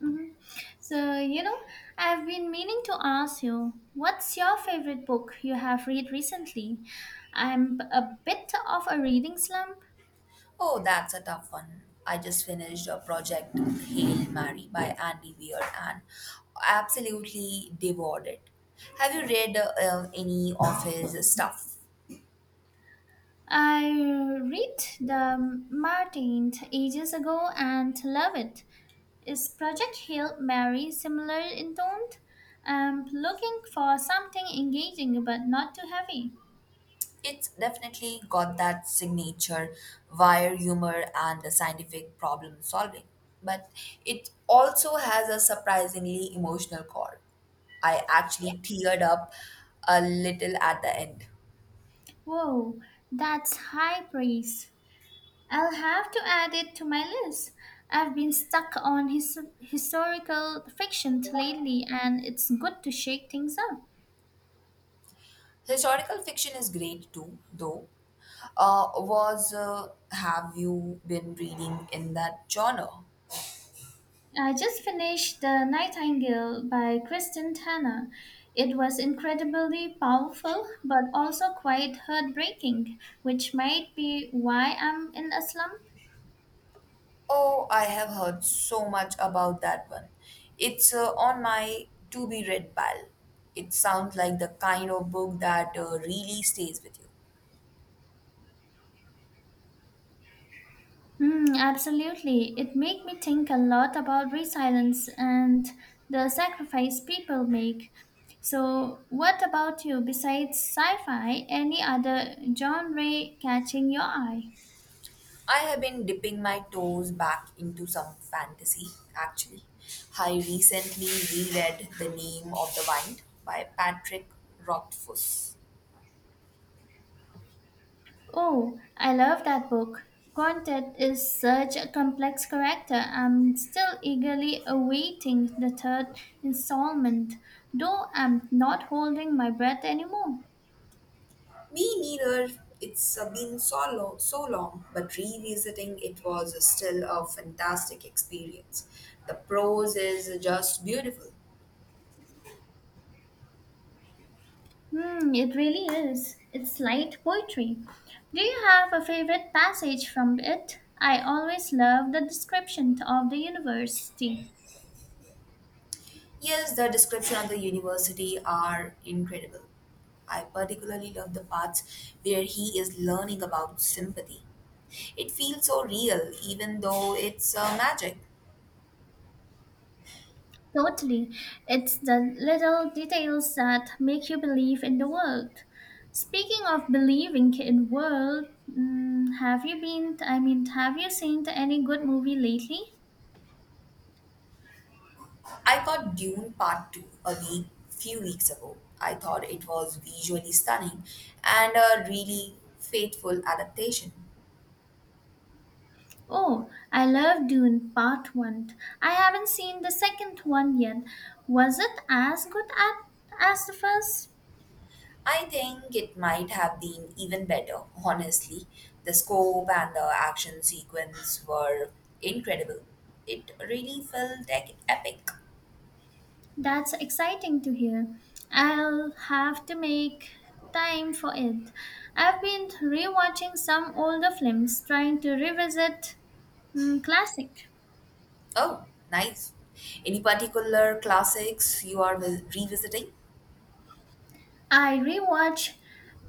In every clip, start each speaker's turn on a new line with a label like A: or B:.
A: Mhm. So, you know, I've been meaning to ask you, what's your favorite book you have read recently? I'm a bit of a reading slump.
B: Oh, that's a tough one. I just finished a project, Hail Mary by Andy Weir, and absolutely devoured it. Have you read any of his stuff?
A: I read The Martin ages ago and love it. Is Project Hail Mary similar in tone? I'm looking for something engaging but not too heavy.
B: It's definitely got that signature wire humor and the scientific problem solving, but it also has a surprisingly emotional core. I actually teared up a little at the end.
A: Whoa, that's high praise. I'll have to add it to my list. I've been stuck on historical fiction lately, and it's good to shake things up.
B: Historical fiction is great too, though. Was Have you been reading in that genre?
A: I just finished The Nightingale by Kristen Tanner. It was incredibly powerful, but also quite heartbreaking, which might be why I'm in a slump.
B: Oh, I have heard so much about that one. It's on my to be read pile. It sounds like the kind of book that really stays with you.
A: Mm, absolutely. It made me think a lot about resilience and the sacrifice people make. So, what about you? Besides sci fi, any other genre catching your eye?
B: I have been dipping my toes back into some fantasy, actually. I recently reread The Name of the Wind by Patrick Rothfuss.
A: Oh, I love that book. Content is such a complex character. I'm still eagerly awaiting the third installment, though I'm not holding my breath anymore.
B: Me neither. It's been so long, but revisiting it was still a fantastic experience. The prose is just beautiful.
A: Hmm, it really is. It's light poetry. Do you have a favorite passage from it? I always love the description of the university.
B: Yes, the description of the university are incredible. I particularly love the parts where he is learning about sympathy. It feels so real, even though it's magic.
A: Totally. It's the little details that make you believe in the world. Speaking of believing in world, mm, have you been I mean, have you seen any good movie lately?
B: I got Dune Part 2 few weeks ago. I thought it was visually stunning and a really faithful adaptation.
A: Oh, I love Dune Part 1. I haven't seen the second one yet. Was it as good as the first?
B: I think it might have been even better, honestly. The scope and the action sequence were incredible. It really felt like epic.
A: That's exciting to hear. I'll have to make time for it. I've been rewatching some older films, trying to revisit classic.
B: Oh, nice. Any particular classics you are revisiting?
A: I rewatched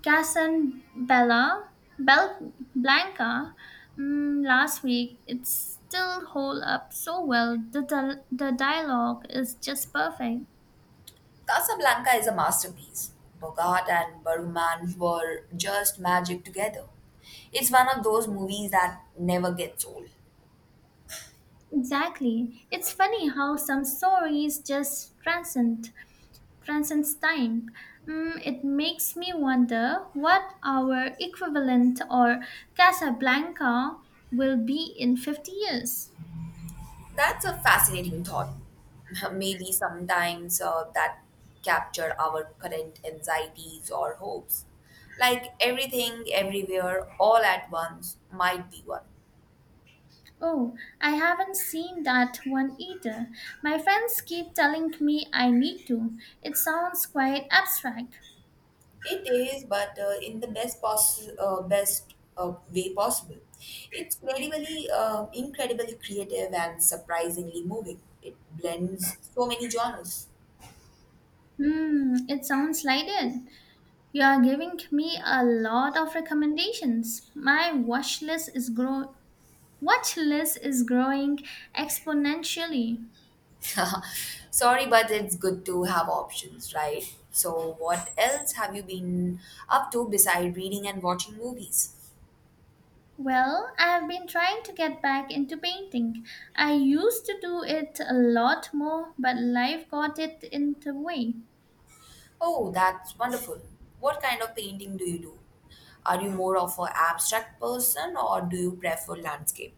A: Casablanca Blanca last week. It still holds up so well. The dialogue is just perfect.
B: Casablanca is a masterpiece. Bogart and Bergman were just magic together. It's one of those movies that never gets old.
A: Exactly. It's funny how some stories just transcends time. Mm, it makes me wonder what our equivalent or Casablanca will be in 50 years.
B: That's a fascinating thought. Maybe sometimes that capture our current anxieties or hopes. Like everything, everywhere, all at once might be one.
A: Oh, I haven't seen that one either. My friends keep telling me I need to. It sounds quite abstract.
B: It is, but in the best way possible. It's incredibly creative and surprisingly moving. It blends so many genres.
A: Hmm, it sounds like it. You are giving me a lot of recommendations. My watch list is grow watch list is growing exponentially.
B: Sorry, but it's good to have options, right? So, what else have you been up to besides reading and watching movies?
A: Well, I have been trying to get back into painting. I used to do it a lot more, but life got it in the way.
B: Oh, that's wonderful. What kind of painting do you do? Are you more of an abstract person or do you prefer landscape?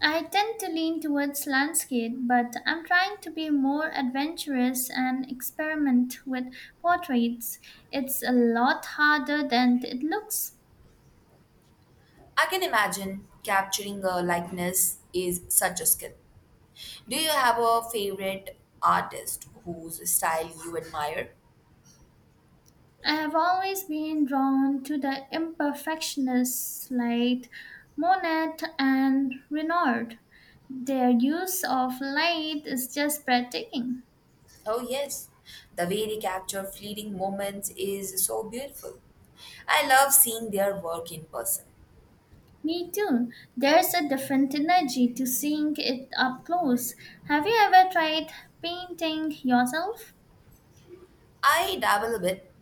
A: I tend to lean towards landscape, but I'm trying to be more adventurous and experiment with portraits. It's a lot harder than it looks.
B: I can imagine capturing a likeness is such a skill. Do you have a favorite artist whose style you admire?
A: I have always been drawn to the imperfectionists like Monet and Renoir. Their use of light is just breathtaking.
B: Oh, yes. The way they capture fleeting moments is so beautiful. I love seeing their work in person.
A: Me too. There's a different energy to seeing it up close. Have you ever tried painting yourself?
B: I dabble a bit.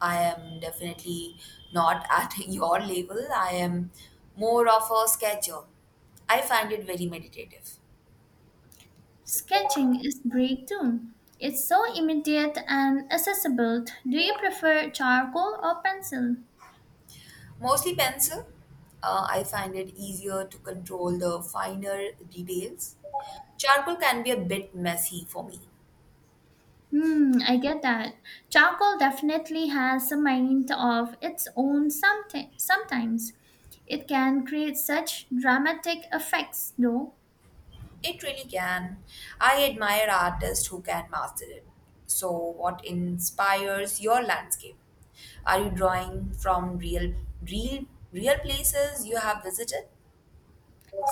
B: I am definitely not at your level. I am more of a sketcher. I find it very meditative.
A: Sketching is great too. It's so immediate and accessible. Do you prefer charcoal or pencil?
B: Mostly pencil. I find it easier to control the finer details. Charcoal can be a bit messy for me.
A: Hmm, I get that. Charcoal definitely has a mind of its own sometimes. It can create such dramatic effects though.
B: It really can. I admire artists who can master it. So, what inspires your landscape? Are you drawing from real, real places you have visited?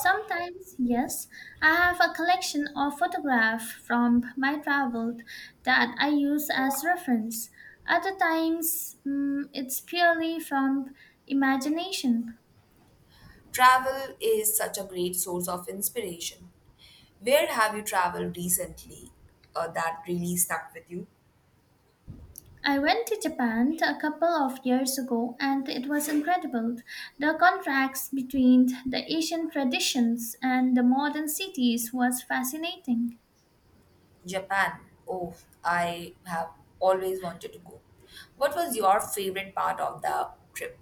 A: Sometimes, yes, I have a collection of photographs from my travel that I use as reference. Other times, it's purely from imagination.
B: Travel is such a great source of inspiration. Where have you traveled recently that really stuck with you?
A: I went to Japan a couple of years ago and it was incredible. The contrast between the Asian traditions and the modern cities was fascinating.
B: Japan. Oh, I have always wanted to go. What was your favorite part of the trip?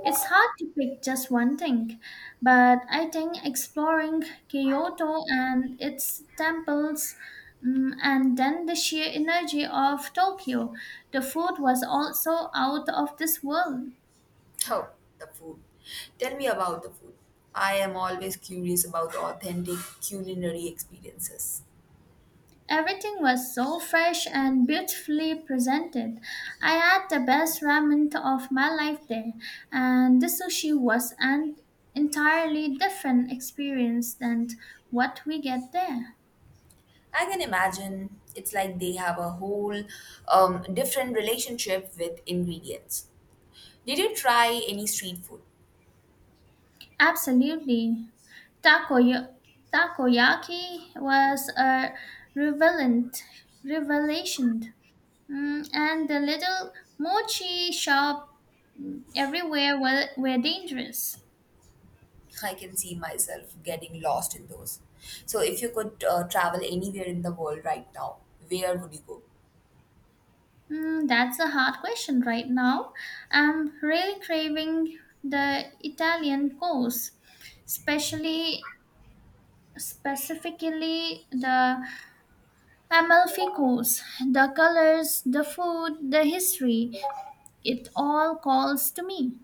A: It's hard to pick just one thing, but I think exploring Kyoto and its temples, and then the sheer energy of Tokyo. The food was also out of this world.
B: Oh, the food. Tell me about the food. I am always curious about authentic culinary experiences.
A: Everything was so fresh and beautifully presented. I had the best ramen of my life there, and the sushi was an entirely different experience than what we get there.
B: I can imagine it's like they have a whole different relationship with ingredients. Did you try any street food?
A: Absolutely. Takoya- takoyaki was a revelant revelation, and the little mochi shop everywhere were dangerous.
B: I can see myself getting lost in those. So, if you could travel anywhere in the world right now, where would you go?
A: Mm, that's a hard question right now. I'm really craving the Italian course, especially specifically the Amalfi course. The colors, the food, the history, it all calls to me.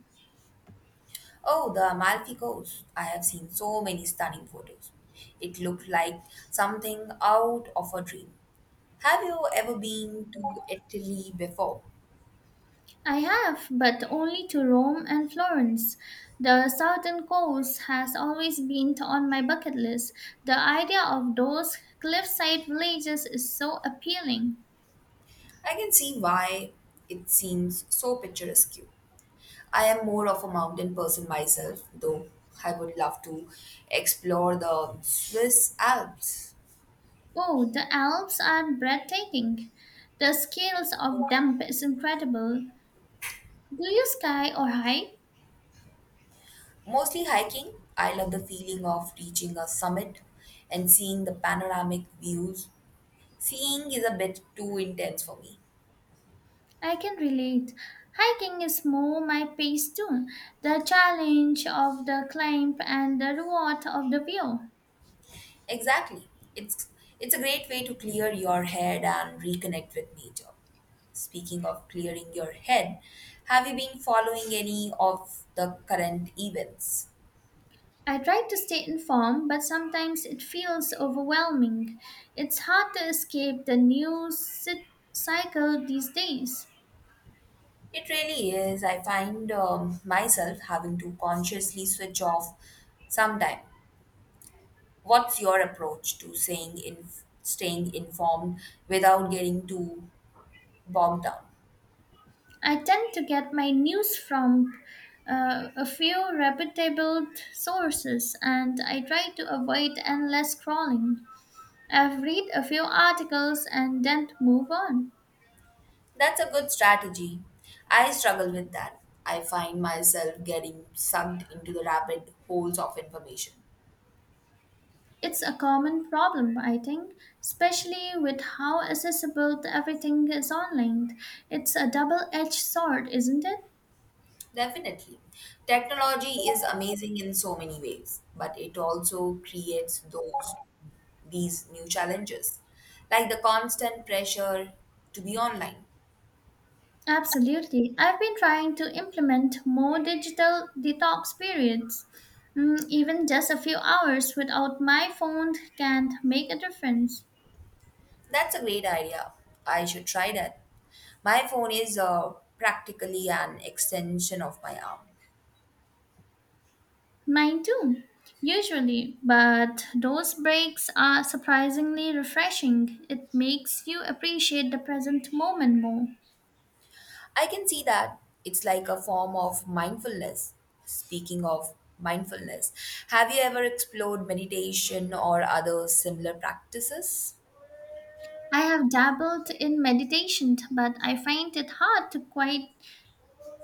B: Oh, the Amalfi Coast. I have seen so many stunning photos. It looked like something out of a dream. Have you ever been to Italy before?
A: I have, but only to Rome and Florence. The southern coast has always been on my bucket list. The idea of those cliffside villages is so appealing.
B: I can see why it seems so picturesque. I am more of a mountain person myself, though I would love to explore the Swiss Alps.
A: Oh, the Alps are breathtaking. The scales of them is incredible. Do you sky or hike?
B: Mostly hiking, I love the feeling of reaching a summit and seeing the panoramic views. Seeing is a bit too intense for me.
A: I can relate. Hiking is more my pace too. The challenge of the climb and the reward of the view.
B: Exactly. It's it's a great way to clear your head and reconnect with nature. Speaking of clearing your head, have you been following any of the current events?
A: I try to stay informed, but sometimes it feels overwhelming. It's hard to escape the cycle these days.
B: It really is. I find myself having to consciously switch off sometime. What's your approach to saying in staying informed without getting too bogged down?
A: I tend to get my news from a few reputable sources and I try to avoid endless scrolling. I've read a few articles and then move on.
B: That's a good strategy. I struggle with that. I find myself getting sucked into the rabbit holes of information.
A: It's a common problem, I think, especially with how accessible everything is online. It's a double edged sword, isn't it?
B: Definitely. Technology is amazing in so many ways, but it also creates those these new challenges, like the constant pressure to be online.
A: Absolutely. I've been trying to implement more digital detox periods. Even just a few hours without my phone can make a difference.
B: That's a great idea. I should try that. My phone is practically an extension of my arm.
A: Mine too, usually, but those breaks are surprisingly refreshing. It makes you appreciate the present moment more.
B: I can see that it's like a form of mindfulness. Speaking of mindfulness, have you ever explored meditation or other similar practices?
A: I have dabbled in meditation, but I find it hard to quiet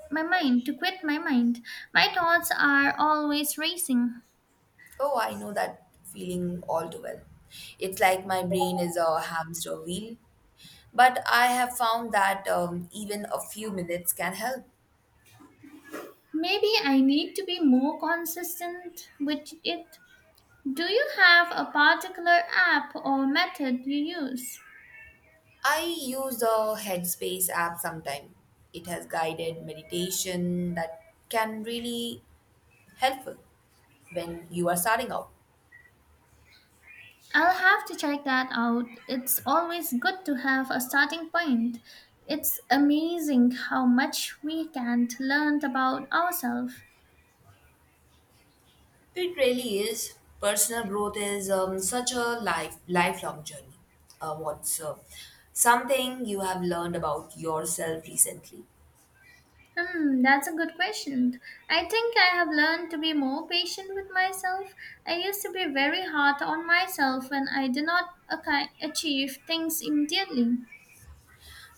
A: my mind, to quit my mind. My thoughts are always racing.
B: Oh, I know that feeling all too well. It's like my brain is a hamster wheel. But I have found that even a few minutes can help.
A: Maybe I need to be more consistent with it. Do you have a particular app or method you use?
B: I use the Headspace app sometime. It has guided meditation that can really helpful when you are starting out.
A: I'll have to check that out. It's always good to have a starting point. It's amazing how much we can learn about ourselves.
B: It really is. Personal growth is such a lifelong journey. What's something you have learned about yourself recently?
A: Hmm, that's a good question. I think I have learned to be more patient with myself. I used to be very hard on myself when I did not achieve things immediately.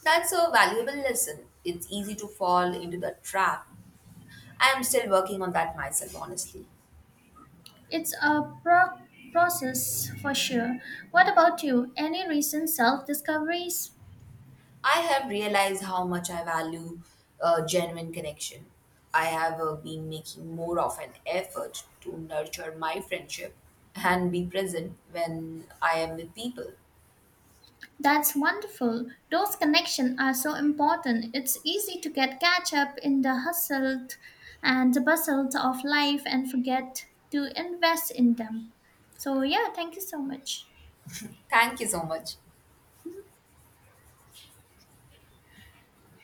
B: That's a valuable lesson. It's easy to fall into the trap. I am still working on that myself, honestly.
A: It's a pro- process for sure. What about you? Any recent self discoveries?
B: I have realized how much I value genuine connection. I have been making more of an effort to nurture my friendship and be present when I am with people.
A: That's wonderful. Those connections are so important. It's easy to get catch up in the hustle and the bustle of life and forget to invest in them. So, yeah, thank you so much.
B: Thank you so much.